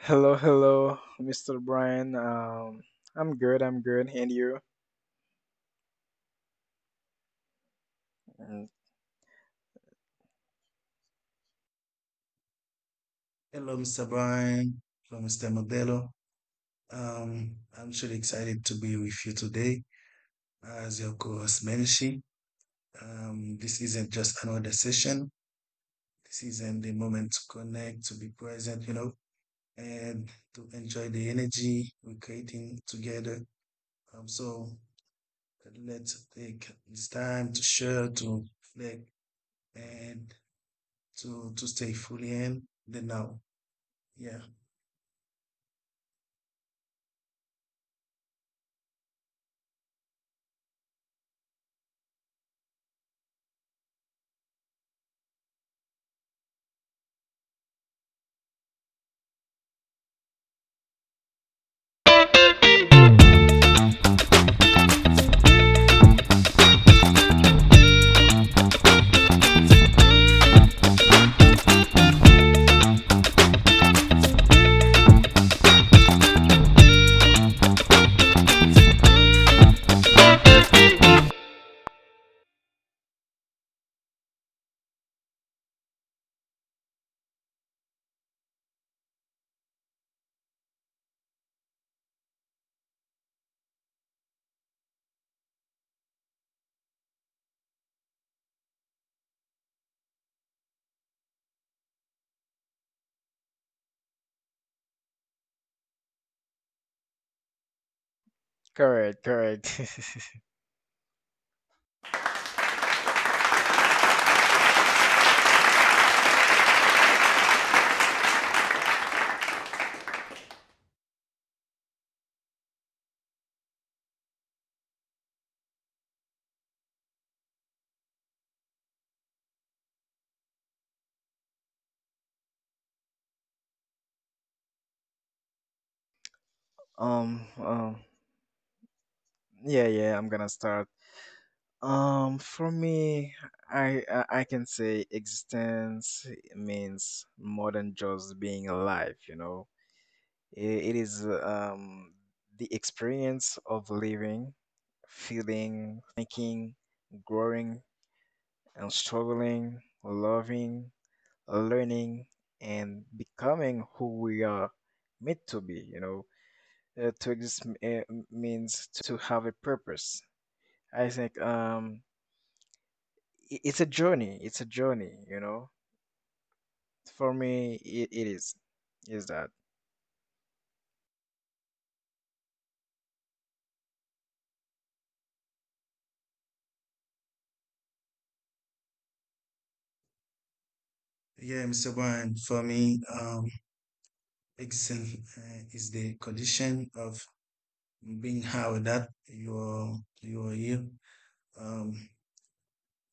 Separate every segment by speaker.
Speaker 1: Hello, hello, Mr. Brian. I'm good. I'm good. And you? Mm,
Speaker 2: Hello, Mr. Brian. Hello, Mr. Modelo. Um, I'm truly excited to be with you today as your co-host, Menshi. This isn't just another session. This isn't the moment to connect, to be present, and to enjoy the energy we're creating together. So let's take this time to share, to reflect, and to stay fully in the now. Yeah.
Speaker 1: Correct, correct. um, um, yeah, yeah. I'm gonna start. For me, I can say existence means more than just being alive. You know, it is the experience of living, feeling, thinking, growing, and struggling, loving learning, and becoming who we are meant to be. You know, to exist means to have a purpose. I think it's a journey. It's a journey. You know, for me, it is. Is that?
Speaker 2: Yeah, Mr. Brian, for me, is the condition of being how that you're here, um,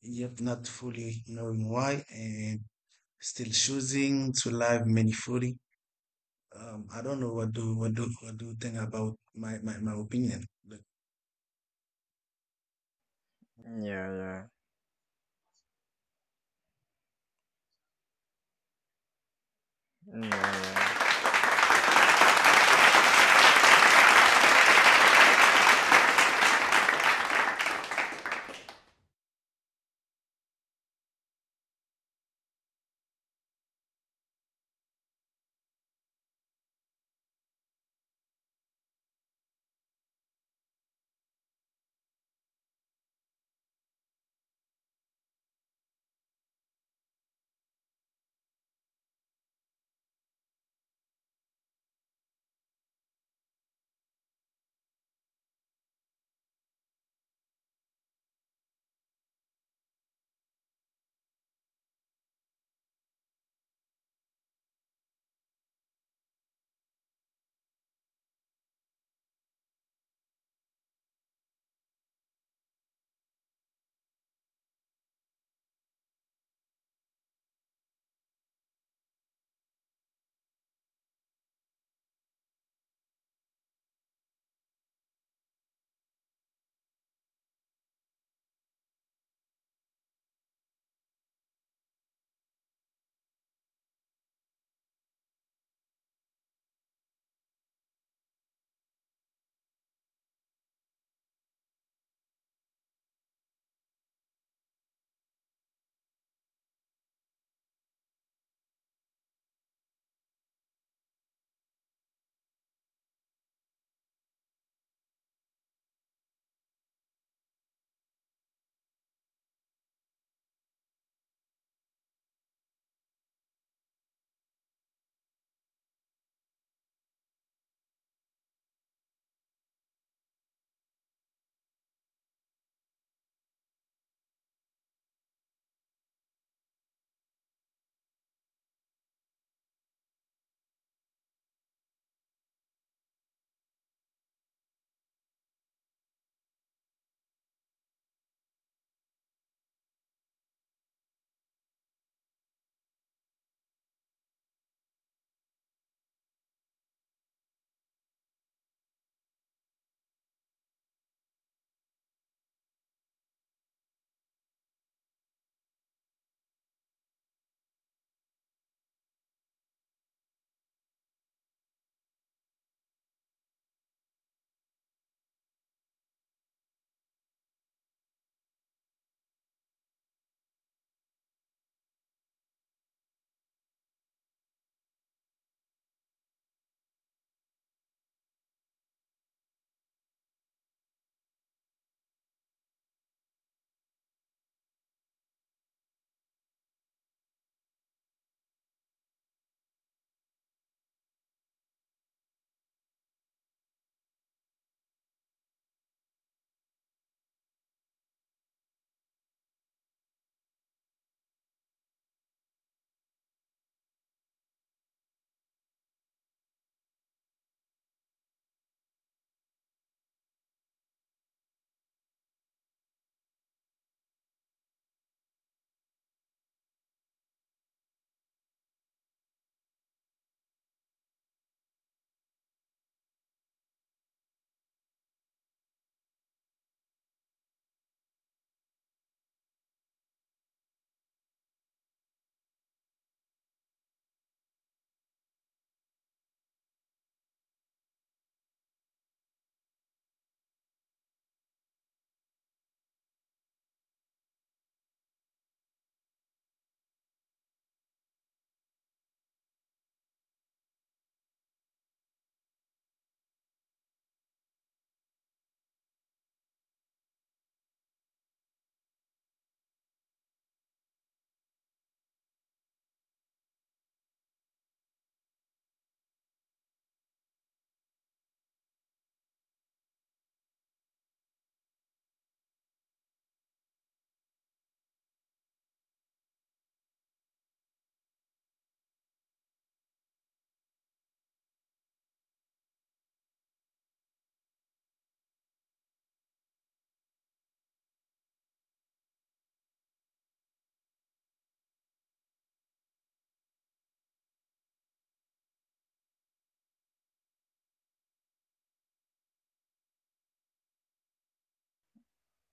Speaker 2: yet not fully knowing why, and still choosing to live meaningfully. I don't know what do you think about my opinion, but
Speaker 1: Yeah, yeah, mm, yeah, yeah.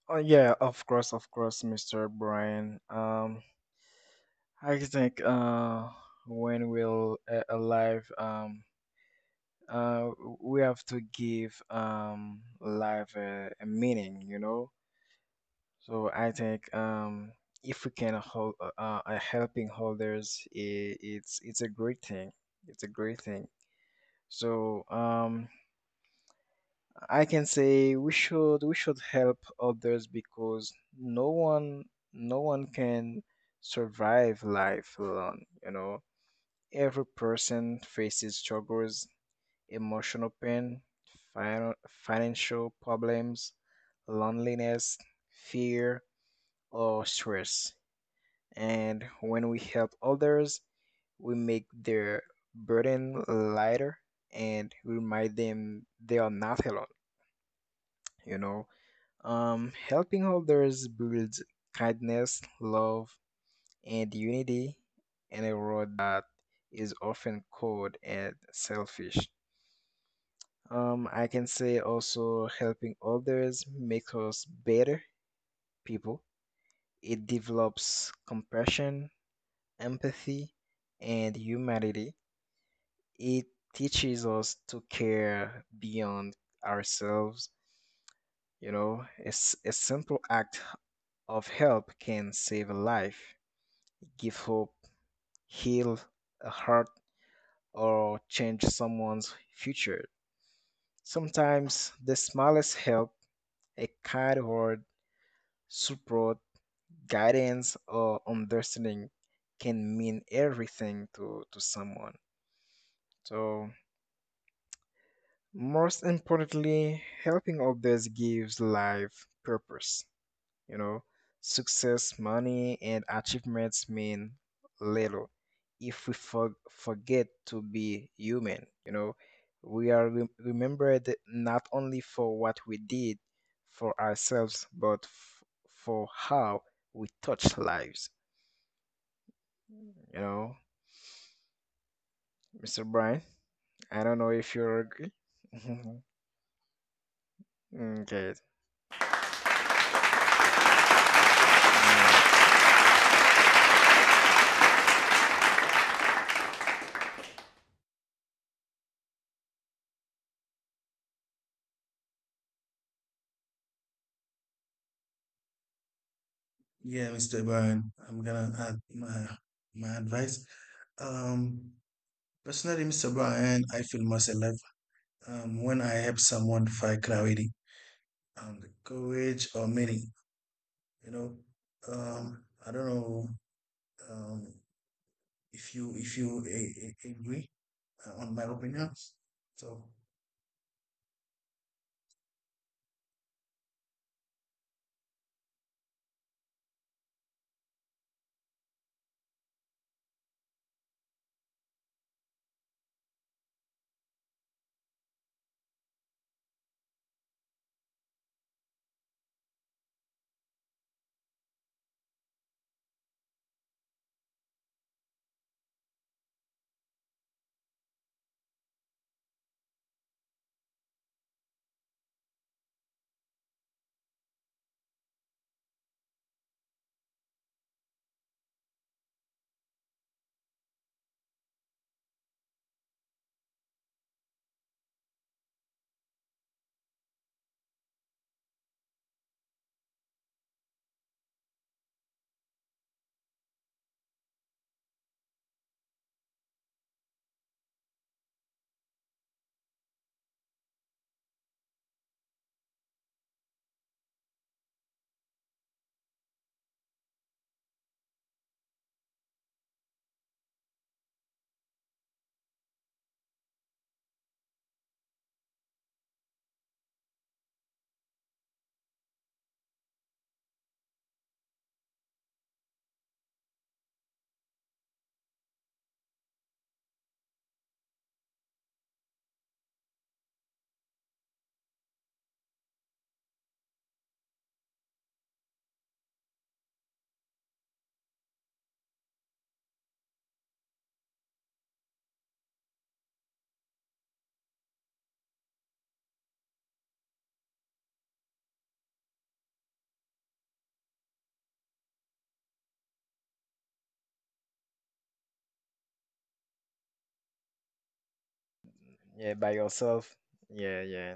Speaker 1: Oh, yeah. Of course, Mr. Brian. I think when we'll alive uh, we have to give life a meaning, you know. So I think if we can hold helping others, I it's a great thing. It's a great thing. So I can say we should help others, because no one no one can survive life alone, you know. Every person faces struggles, emotional pain, financial problems, loneliness, fear, or stress. And when we help others, we make their burden lighter and remind them they are not alone. You know, helping others builds kindness, love, and unity in a world that is often cold and selfish. I can say also helping others makes us better people. It develops compassion, empathy, and humanity. It teaches us to care beyond ourselves. You know, it's a simple act of help can save a life, give hope, heal a heart, or change someone's future. Sometimes the smallest help, a kind word, support, guidance or understanding can mean everything to someone. So, most importantly, helping others gives life purpose. You know, success, money, and achievements mean little if we forget to be human. You know, we are remembered not only for what we did for ourselves, but for how we touch lives. You know, Mr. Brian, I don't know if you're agree. Okay. Yeah.
Speaker 2: yeah, Mr. Brown, I'm gonna add my advice. Um, personally, Mr. Brian, I feel most alive when I help someone find clarity, the courage, or meaning. you know, I don't know um, if you agree on my opinions. So
Speaker 1: Yeah, by yourself. Yeah, yeah.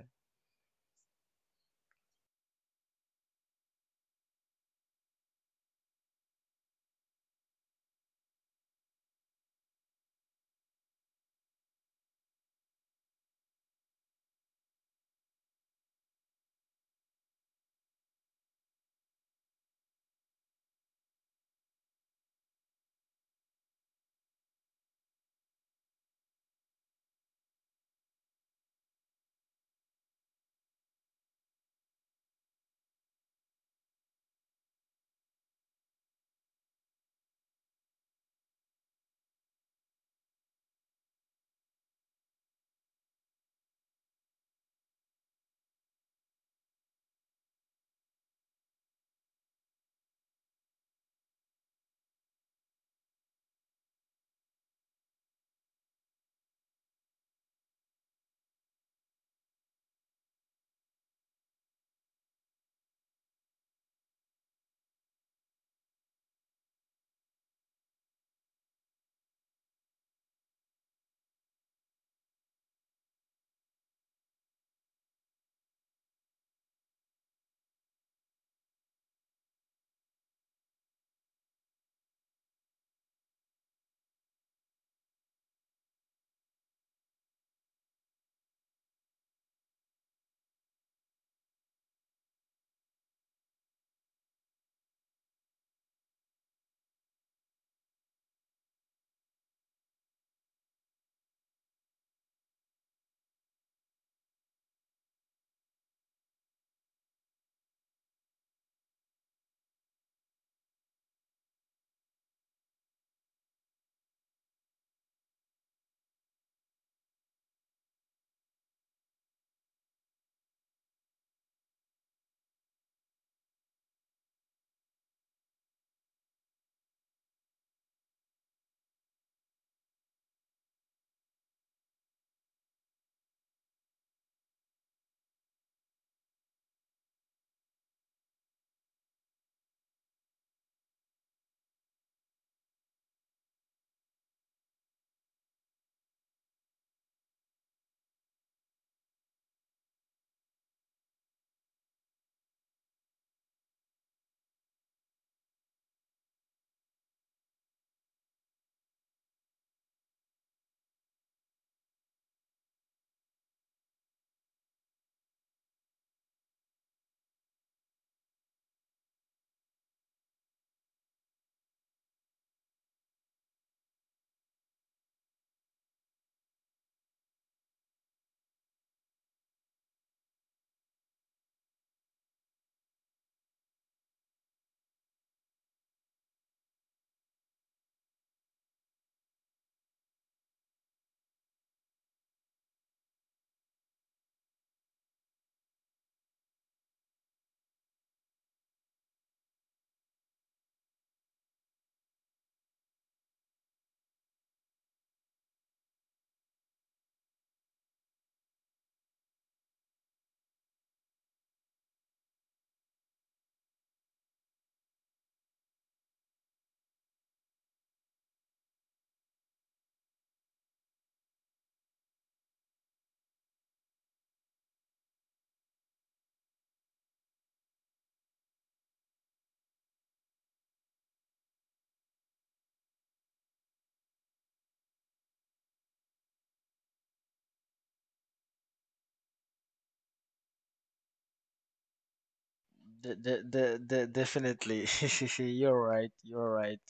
Speaker 1: Definitely. You're right. You're right.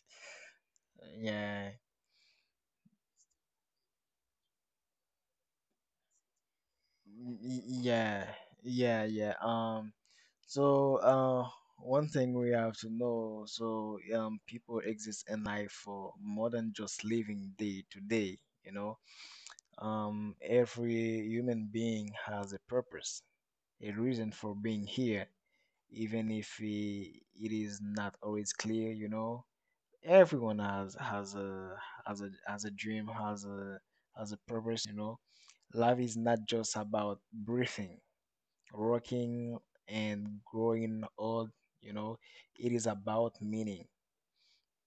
Speaker 1: Yeah. Yeah. Yeah, yeah. So one thing we have to know, so people exist in life for more than just living day to day, you know. Every human being has a purpose, a reason for being here, even if it is not always clear. You know, everyone has a dream, has a purpose. You know, life is not just about breathing, working, and growing old. You know, it is about meaning.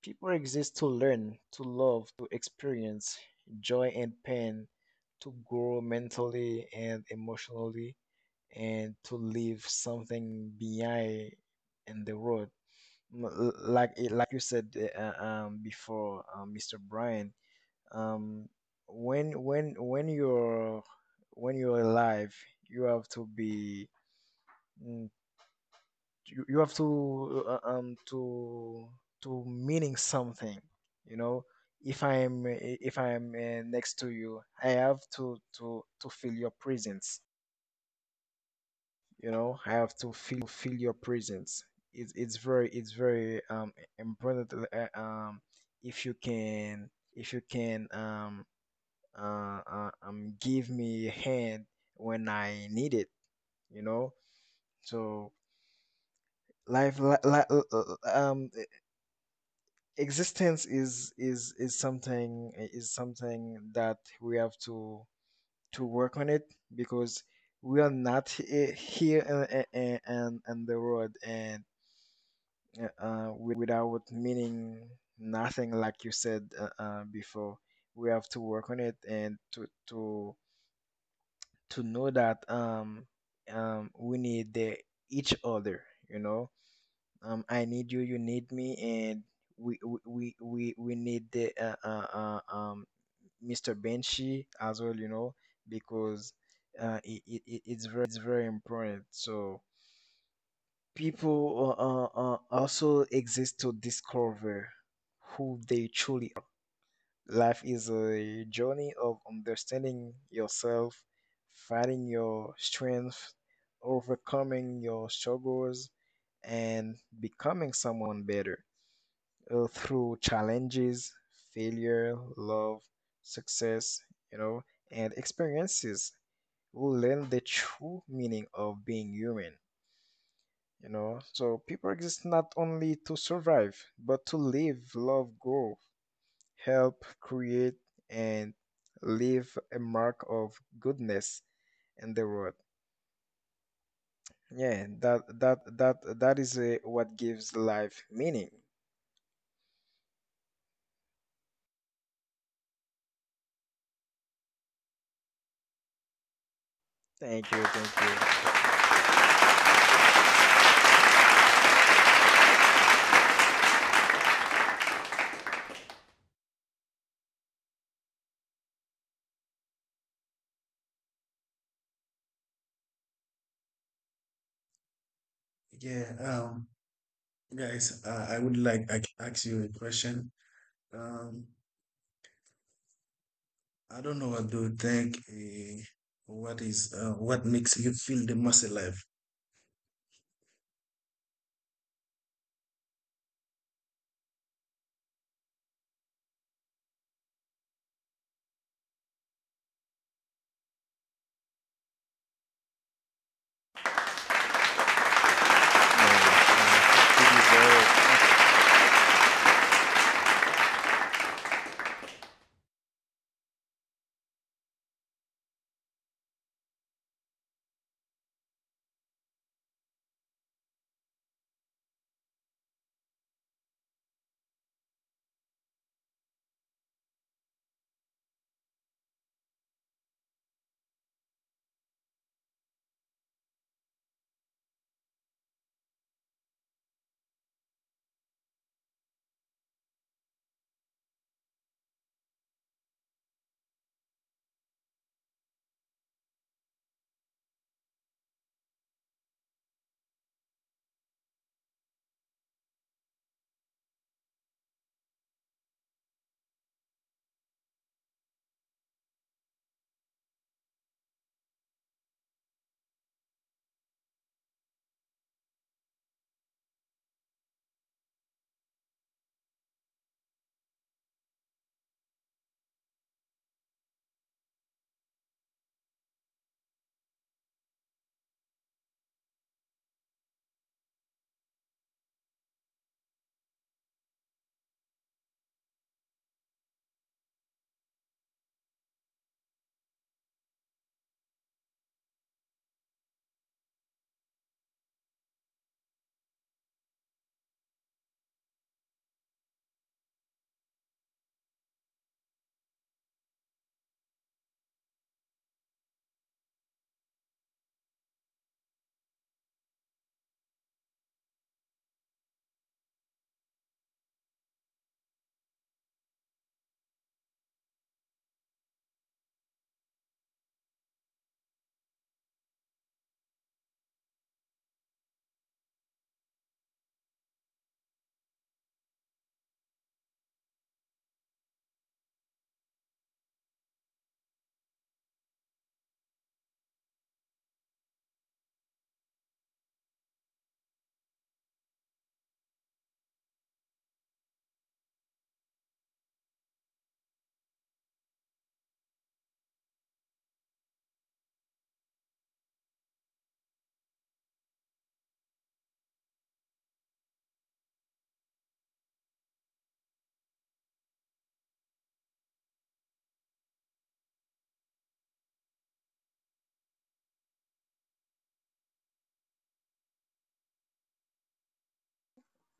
Speaker 1: People exist to learn, to love, to experience joy and pain, to grow mentally and emotionally, and to leave something behind in the world. Like like you said, before, Mr. Brian, um, when you're alive, you have to be, mm, you have to to meaning something, you know. If I am next to you, I have to feel your presence, you know. I have to feel your presence. It's very important, if you can if you can um give me a hand when I need it, you know. So life li- li- e- existence is something that we have to work on it, because we are not here in the world, and without meaning nothing, like you said, before, we have to work on it and to know that we need each other, you know. I need you. You need me. And we need the Mr. Benchy as well, you know, because it's very important. So people also exist to discover who they truly are. Life is a journey of understanding yourself, finding your strength, overcoming your struggles, and becoming someone better through challenges, failure, love, success, you know, and experiences. We learn the true meaning of being human, you know. So people exist not only to survive, but to live, love, grow, help, create, and leave a mark of goodness in the world. Yeah, that is what gives life meaning. Thank you. Thank you.
Speaker 2: yeah, um, guys, I would like I ask you a question. Um, I don't know what do you think. What makes you feel the most alive?
Speaker 1: Yeah, he deserves it.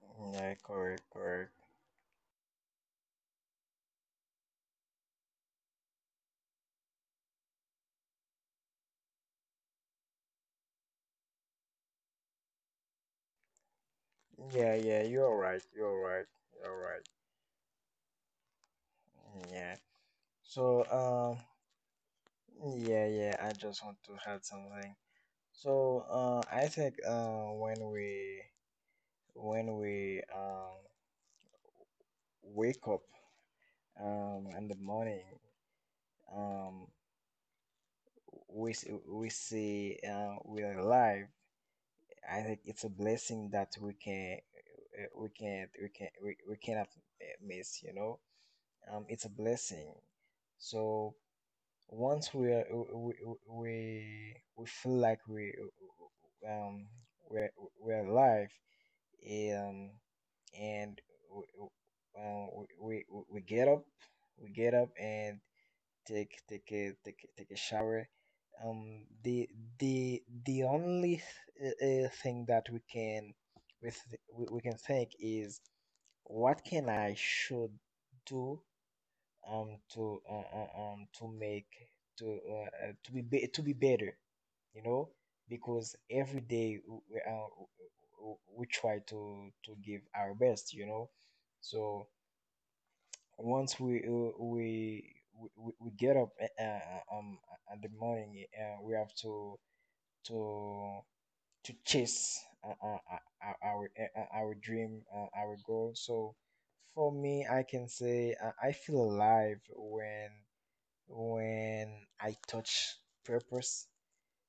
Speaker 1: Yeah, correct, correct. Yeah, yeah. You're right, you're right, you're right. Yeah. So yeah, yeah. I just want to add something. So I think when we wake up in the morning, um, we see we're alive. I think it's a blessing that we can we can't we can we cannot miss. You know, it's a blessing. So once we feel like um we're, we're alive, um, and w- w- um, we, we we get up, we get up and take a shower. The only th- thing that with we can think is what can I should do to make to be better, you know, because every day we try to give our best, you know. So once we get up, in the morning, we have to to chase our dream, our goal. So for me, I can say I feel alive when when I touch purpose,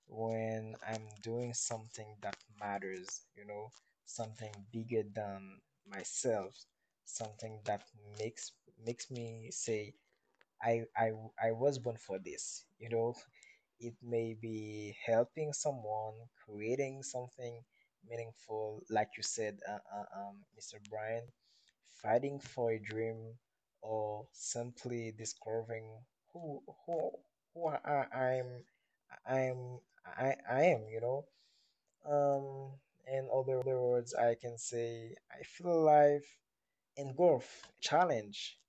Speaker 1: when I'm doing something that matters, you know, something bigger than myself, something that makes makes me say I I I was born for this, you know. It may be helping someone, creating something meaningful, like you said, Mr. Brian, fighting for a dream, or simply discovering who who who I, I'm I am, you know. Um, in other words, I can say I feel alive and growth and challenge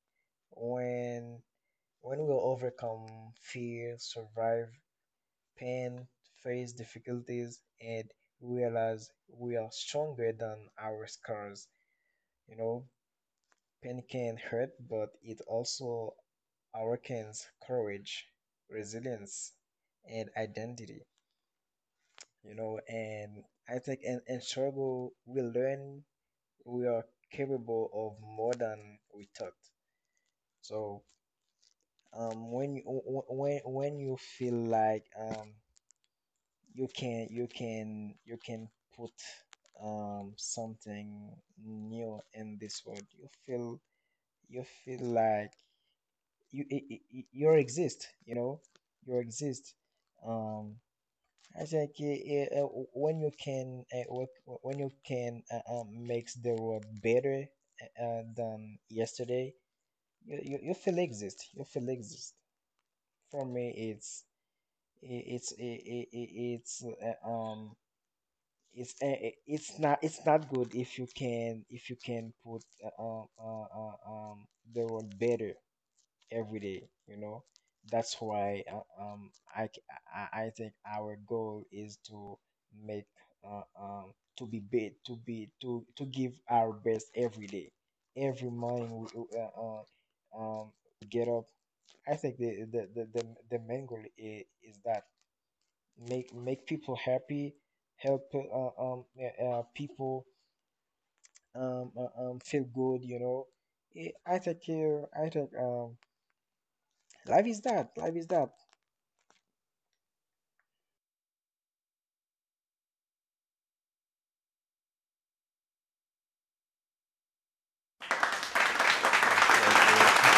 Speaker 1: when we overcome fear, survive pain, face difficulties, and realize we are stronger than our scars. You know, pain can hurt, but it also awakens courage, resilience, and identity. You know, and I think in struggle, we learn we are capable of more than we thought. So, when you feel like you can put something new in this world, you feel like you you, i- you exist, you know, you exist. um I think when you can makes the world better than yesterday, you feel exist, you feel exist. For me, i- it's i- i- it's uh, um it's not, it's not good if you can put the word better every day, you know. That's why I, c- I think our goal is to make to be bet to be to give our best every day. Every morning uh, um we get up. I think the main goal is that make people happy, help people feel good. You know. I take care. I take Life is that. Life is that. Thank you.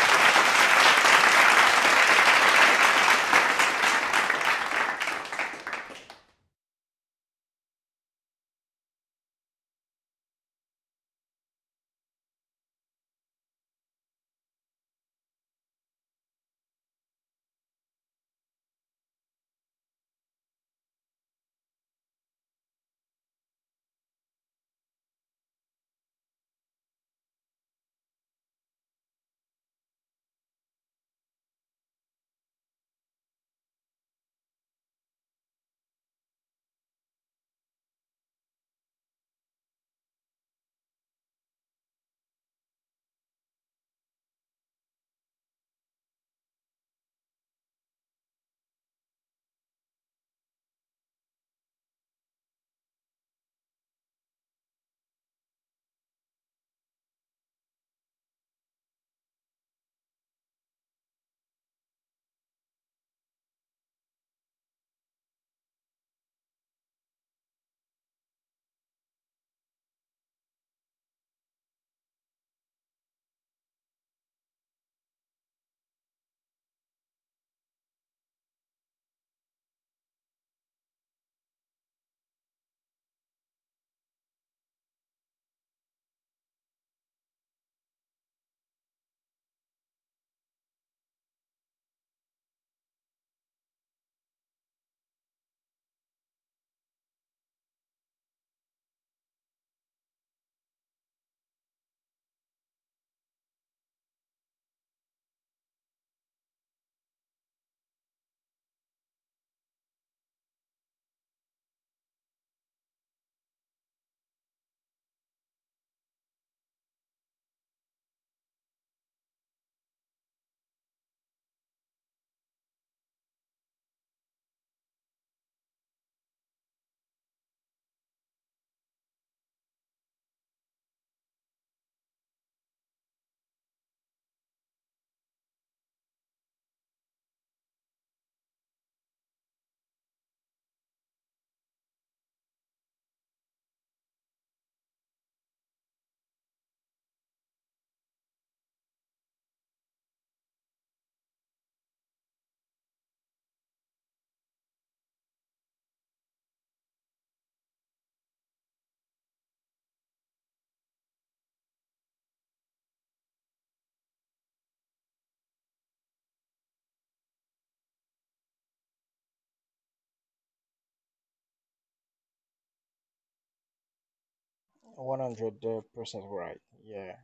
Speaker 1: 100 percent right. Yeah,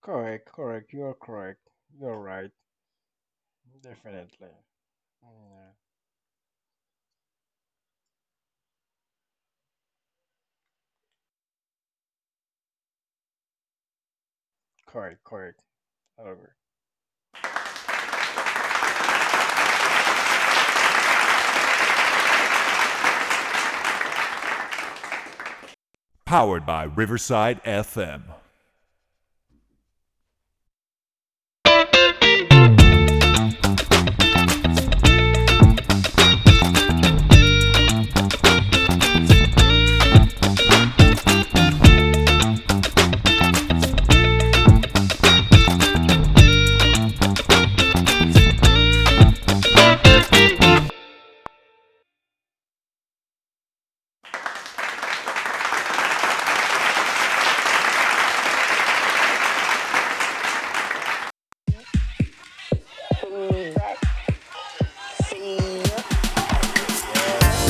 Speaker 1: correct, correct. You are correct. You are right. Definitely. Mm, yeah. Correct, correct. I agree.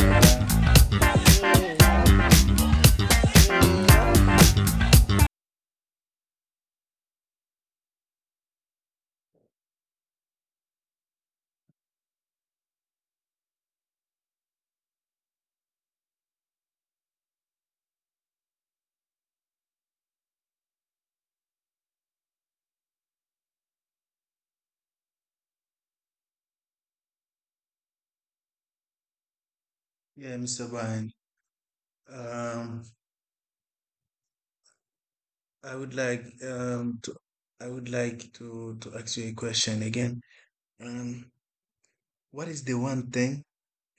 Speaker 1: Yeah, yeah. Yeah.
Speaker 2: Yeah, Mr. Brian. Um, I would like um to I would like to ask you a question again. Um, what is the one thing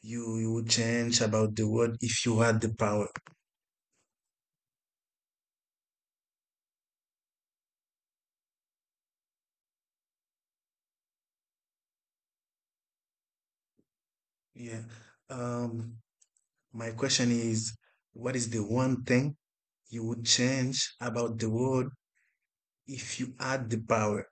Speaker 2: you you would change about the world if you had the power? Yeah. Um, my question is, what is the one thing you would change about the world if you had the power?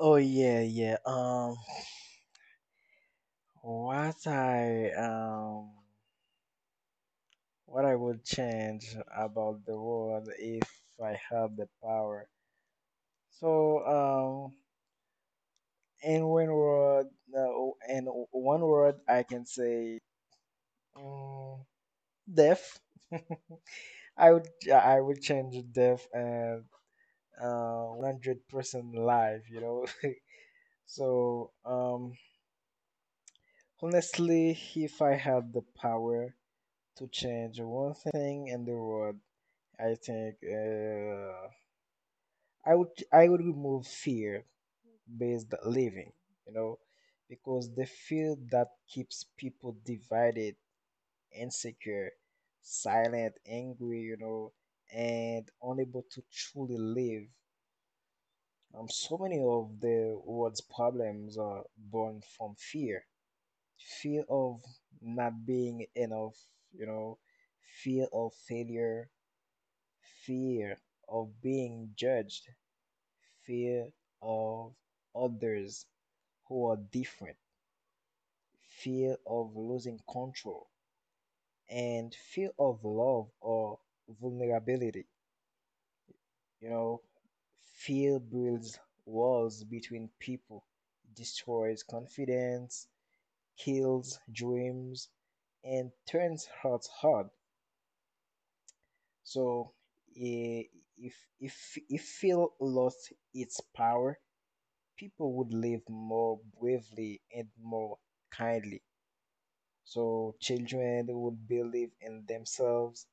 Speaker 1: Oh, yeah, yeah. What I um. What I would change about the world if I had the power. So, in one word, no, in one word, I can say um, death. I would, yeah, I would change death and 100% live. You know, so honestly, if I had the power to change one thing in the world, I think I would I would remove fear based living, you know, because they feel that keeps people divided, insecure, silent, angry, you know, and unable to truly live. So many of the world's problems are born from fear, fear of not being enough, you know, fear of failure, fear of being judged, fear of others who are different, fear of losing control, and fear of love or vulnerability. You know, fear builds walls between people, destroys confidence, kills dreams, and turns hearts hard. So, eh, if fear lost its power, people would live more bravely and more kindly. So children would believe in themselves.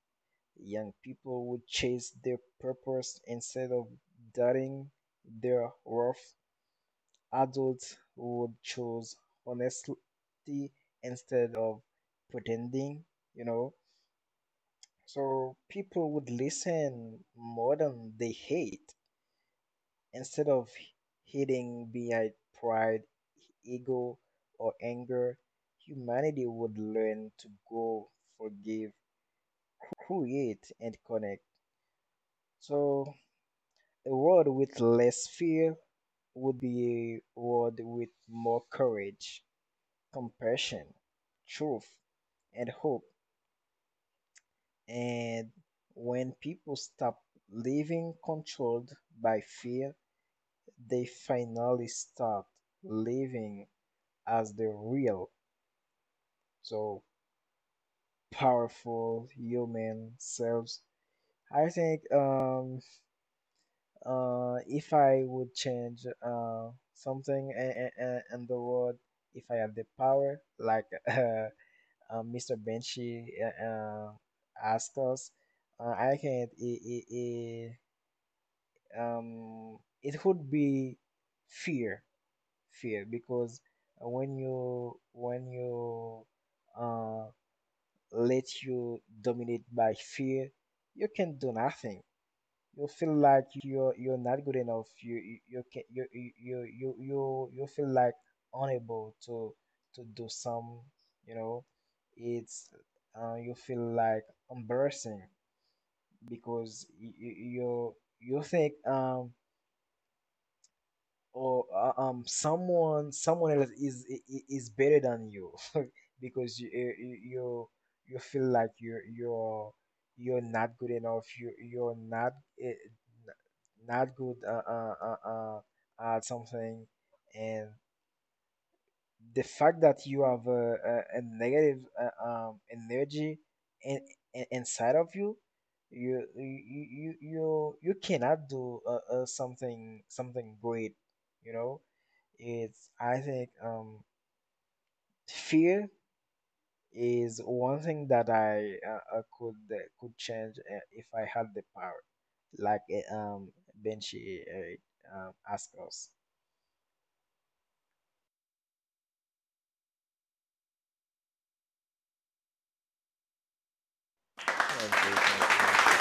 Speaker 1: Young people would chase their purpose instead of doubting their worth. Adults would choose honesty instead of pretending, you know. So people would listen more than they hate instead of hiding behind pride, ego, or anger. Humanity would learn to go, forgive, create, and connect. So a world with less fear would be a world with more courage, compassion, truth, and hope. And when people stop living controlled by fear, they finally start living as the real, so powerful human selves. I think if I would change something in the world, if I had the power, like uh, Mr. Benchi asked us, I can't. It would be fear, fear, because when you uh, let you dominate by fear, you can do nothing. You feel like you're not good enough. You can, you feel like unable to do some you know. It's You feel like embarrassing because you think or someone else is better than you. Because you feel like you're not good enough. You're not not good at something, and the fact that you have a negative energy in, inside of you, you cannot do something great, you know. It's i think fear is one thing that I could change if I had the power, like Benji asked us. Thank you, thank you.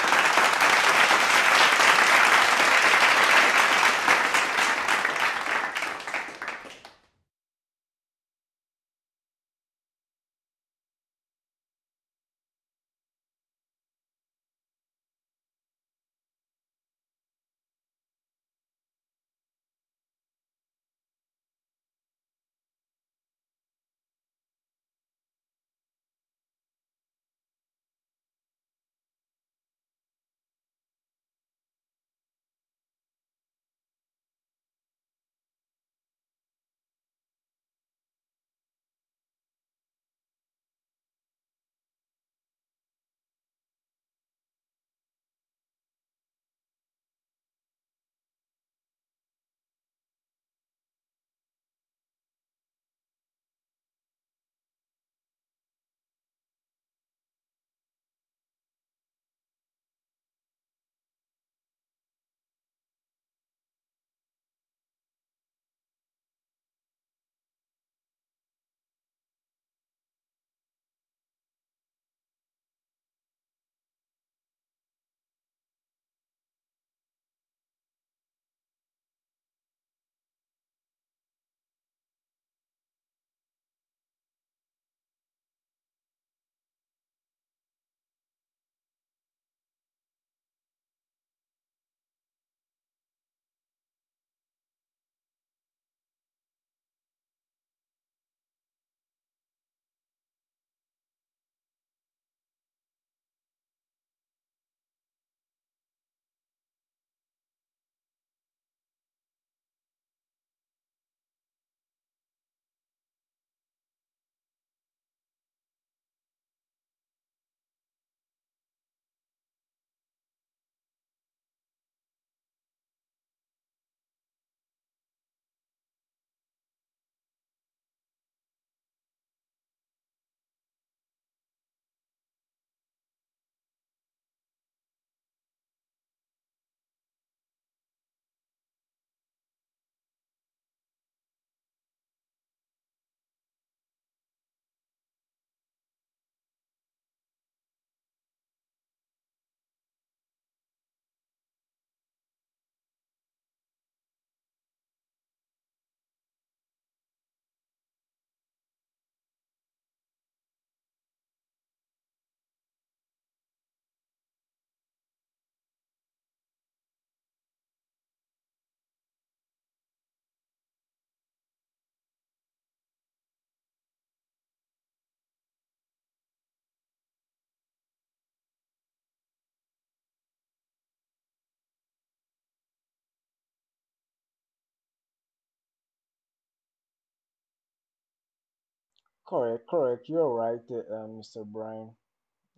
Speaker 1: Correct, correct. You're right. Mr. Brian.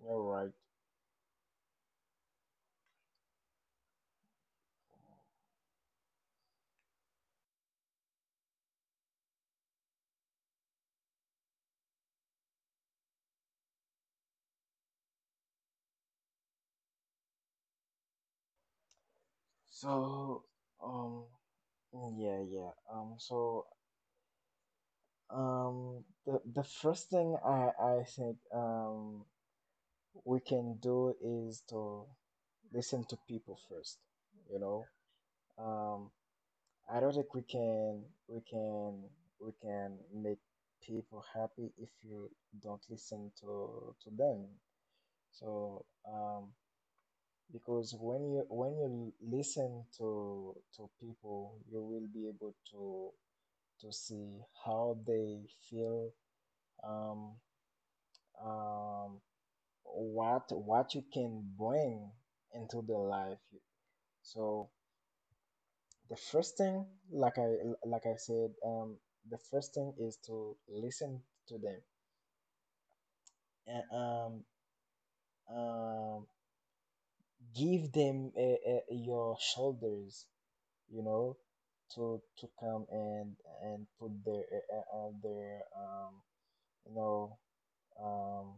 Speaker 1: All right. So, um, yeah, yeah. The first thing I think we can do is to listen to people first. You know, um, I don't think we can we can make people happy if you don't listen to them. So, um, because when you listen to people, you will be able to see how they feel, um, um, what you can bring into their life. So the first thing, like I said, the first thing is to listen to them and um, give them your shoulders, you know, to come and put their you know, um,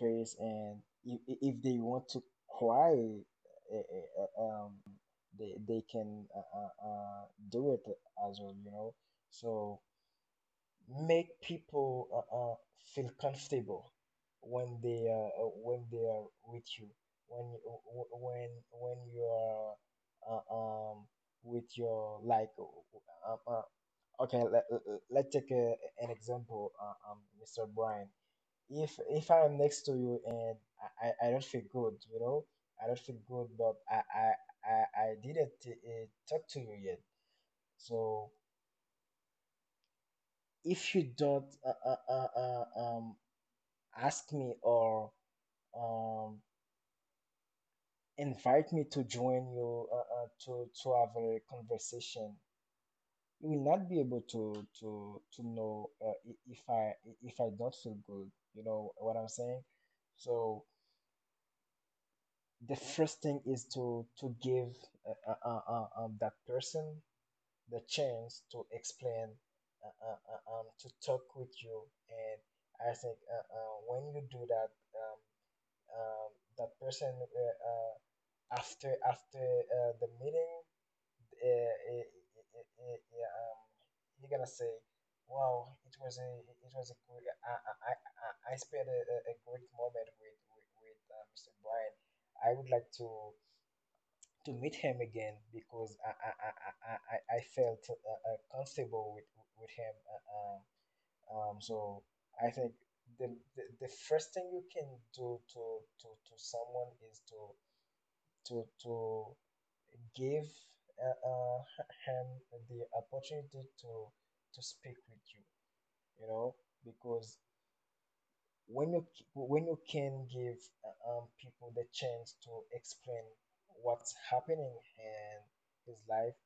Speaker 1: face, and if they want to cry, uh, uh, um, they can do it as well, you know. So make people uh, feel comfortable when they are with you, when when you are uh, um with your like okay, let's take an example, Mr. Brian. If I am next to you and I don't feel good, you know, I don't feel good, but I didn't talk to you yet. So if you don't ask me or um, invite me to join you to have a conversation, you will not be able to know, if I, if I don't feel good. You know what I'm saying? So the first thing is to give uh, uh, uh, that person the chance to explain, to talk with you. And I think when you do that, um, that person, after after the meeting, uh, eh, eh, eh, eh, eh, um, you're gonna say, "Wow, it was a great, I spent a great moment with Mr. Brian. I would like to meet him again because I felt comfortable with him." So I think the, the first thing you can do to someone is to give, uh, uh, him the opportunity to speak with you, you know, because when you when you can give people the chance to explain what's happening in his life,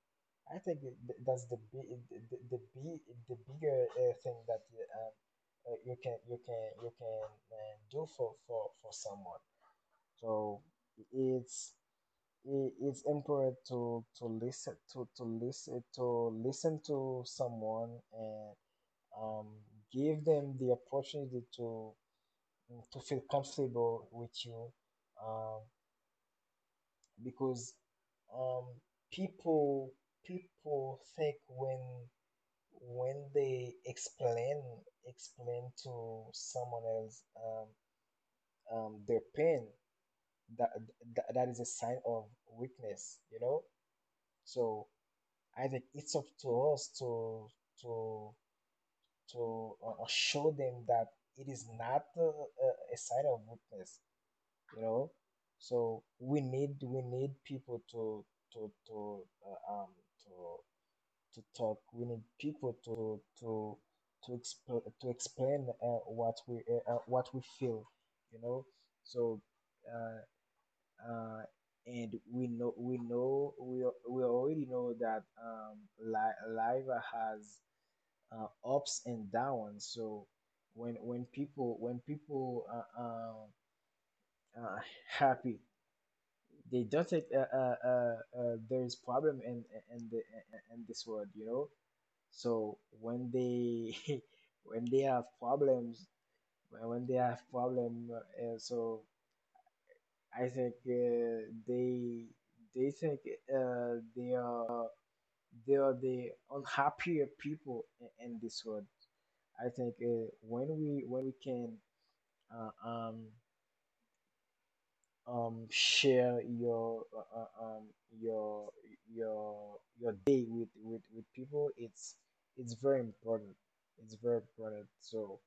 Speaker 1: I think that's the big, the bigger thing that you can you can you can do for someone. So it's it's important to listen to listen to listen to someone and um, give them the opportunity to feel comfortable with you, um, because um, people people think when they explain, explain to someone else, their pain, that, that is a sign of weakness, you know. So I think it's up to us to to show them that it is not a, sign of weakness, you know. So we need, we need people to to uh, um to to talk. We need people to explain, to explain, what we feel, you know. So uh, uh, and we know, we know we already know that, li- live has ups and downs. So when people, when people are um, uh, happy, they don't think there is problem in the in this world, you know. So when they when they have problems, when they have problem, so I think they think they are, they are the unhappier people in this world. I think when we can uh, um share your your day with people, it's very important. It's very important. So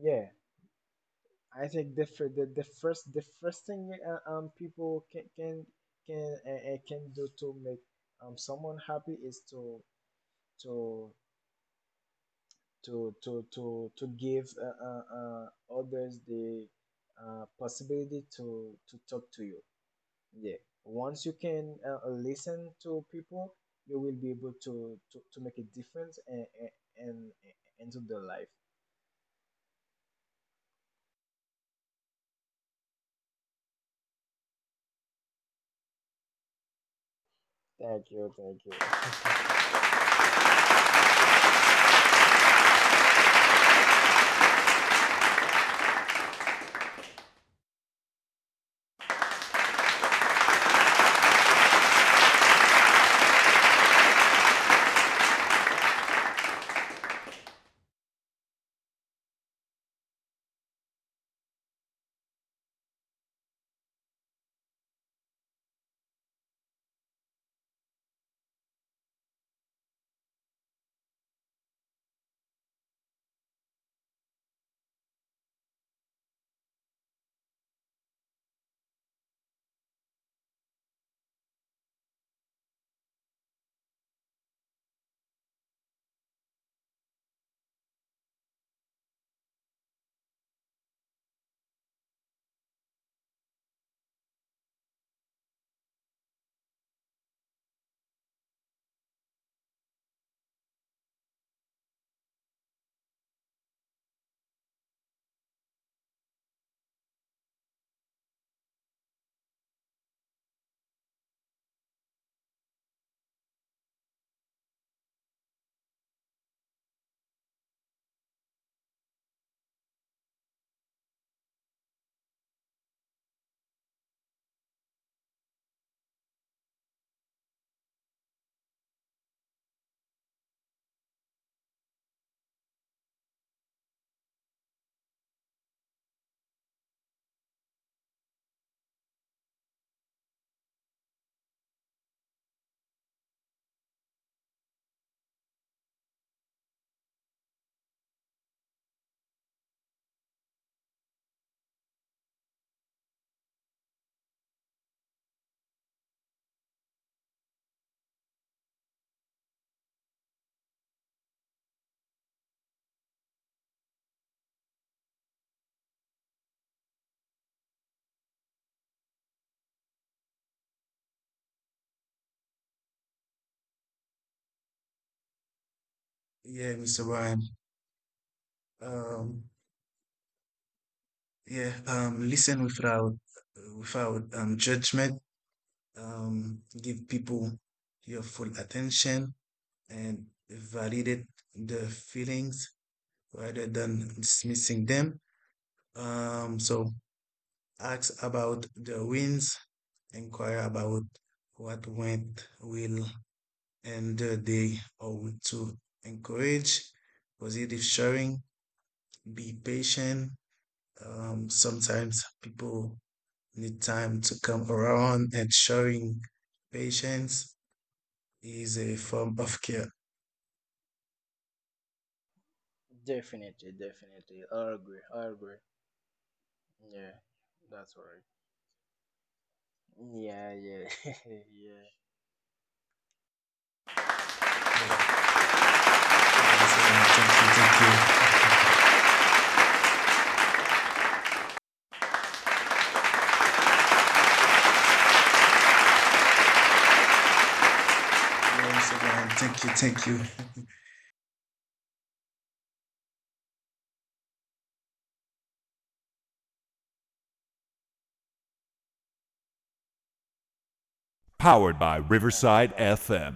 Speaker 1: yeah, I think the first, the first thing people can do to make someone happy is to to give others the possibility to talk to you. Yeah. Once you can listen to people, you will be able to make a difference and into their life. Thank you, thank you.
Speaker 2: Yeah, Mr. Brian. Um, yeah, listen without judgment. Give people your full attention and validate their feelings rather than dismissing them. So ask about the wins, inquire about what went well and the day or week to encourage positive sharing, be patient. Sometimes people need time to come around and showing patience is a form of care.
Speaker 1: Definitely, definitely. I agree, I agree. Yeah, that's all right. Yeah, yeah, yeah.
Speaker 2: Yeah. Yeah, Mr. Brian, thank you, thank you. Yeah, Mr. Brian, thank you, thank you.
Speaker 1: Okay, that's good.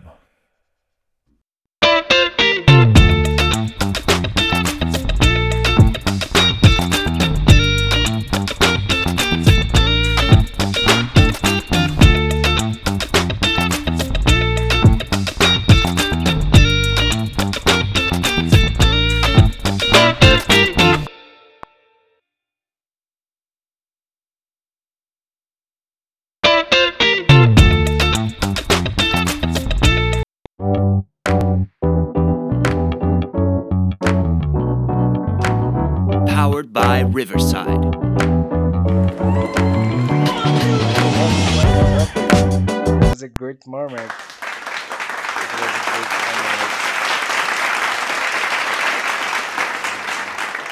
Speaker 1: What a topic! What a topic! It was a great moment. It was a great moment. Mm,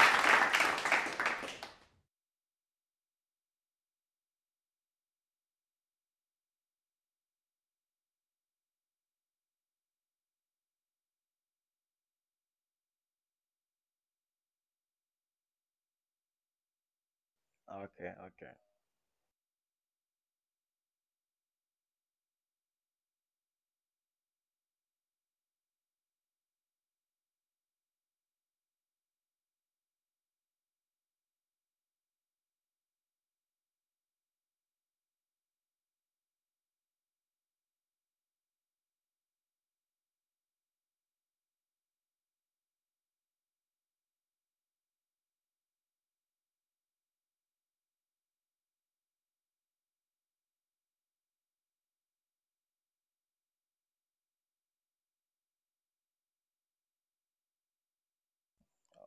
Speaker 1: okay, okay.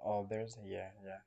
Speaker 1: Oh, there's yeah, yeah,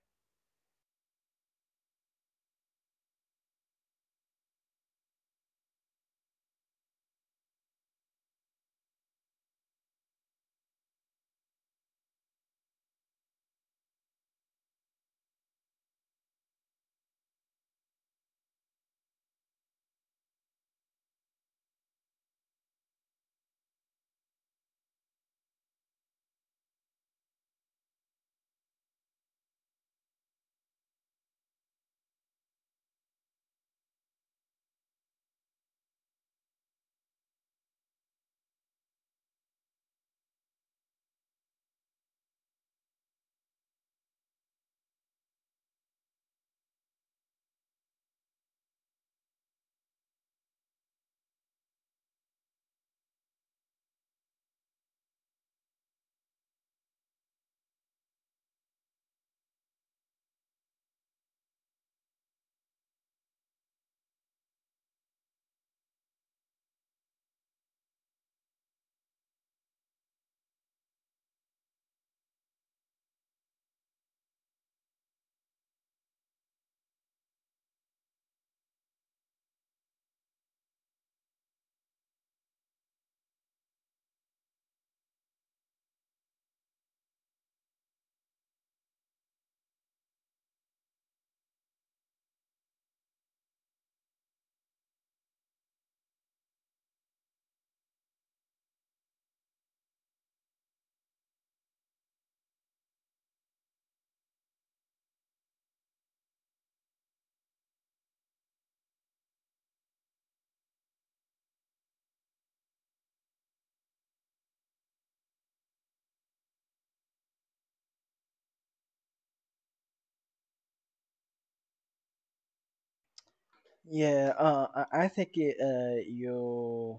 Speaker 1: yeah. I think it, you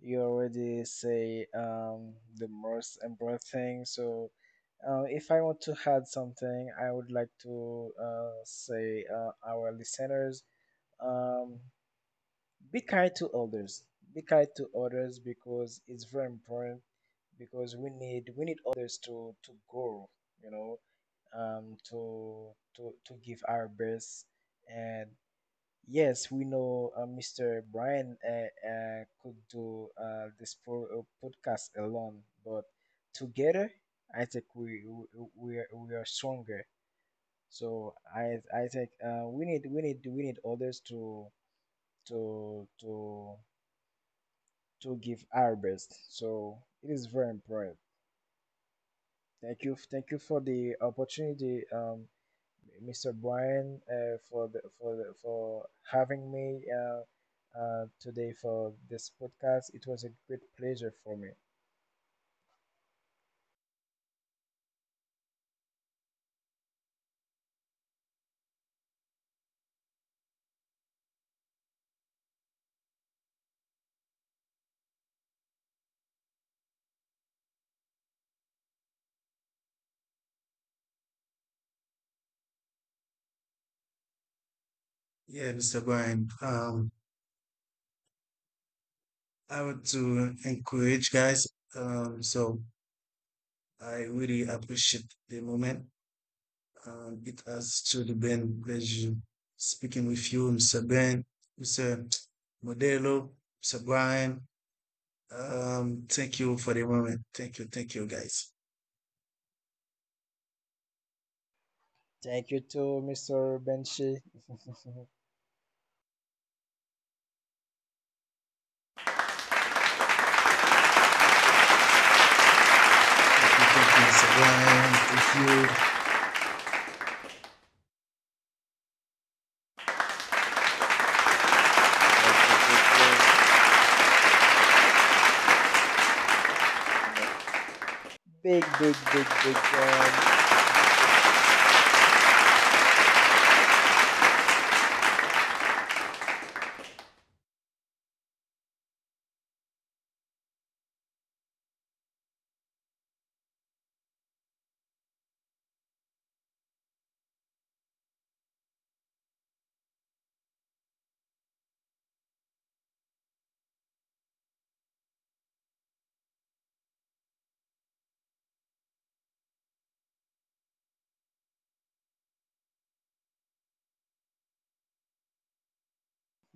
Speaker 1: you already say the most important thing. So, if I want to add something, I would like to say our listeners, um be kind to others. Be kind to others because it's very important, because we need, we need others to grow, you know, um to to give our best. And yes, we know, Mr. Brian could do this podcast alone, but together I think we are, we are stronger. So I think we need, we need, we need others to to to give our best. So it is very important. Thank you for the opportunity, Mr. Brian, for the for the, for having me today for this podcast. It was a great pleasure for me.
Speaker 2: Yeah, Mr. Brian. I want to encourage guys. So I really appreciate the moment. It has truly been a pleasure speaking with you, Mr. Ben, Mr. Modelo, Mr. Brian. Thank you for the moment. Thank you, guys.
Speaker 1: Thank you to Mr. Benchi.
Speaker 2: Thank you, Mr. Brian. Thank you.
Speaker 1: Thank you, thank you. Eh, Big, big, big, big one.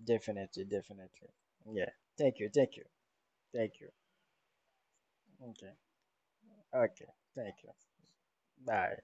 Speaker 1: Definitely, definitely. Yeah. Thank you, thank you, thank you. Okay, okay. Thank you. Bye.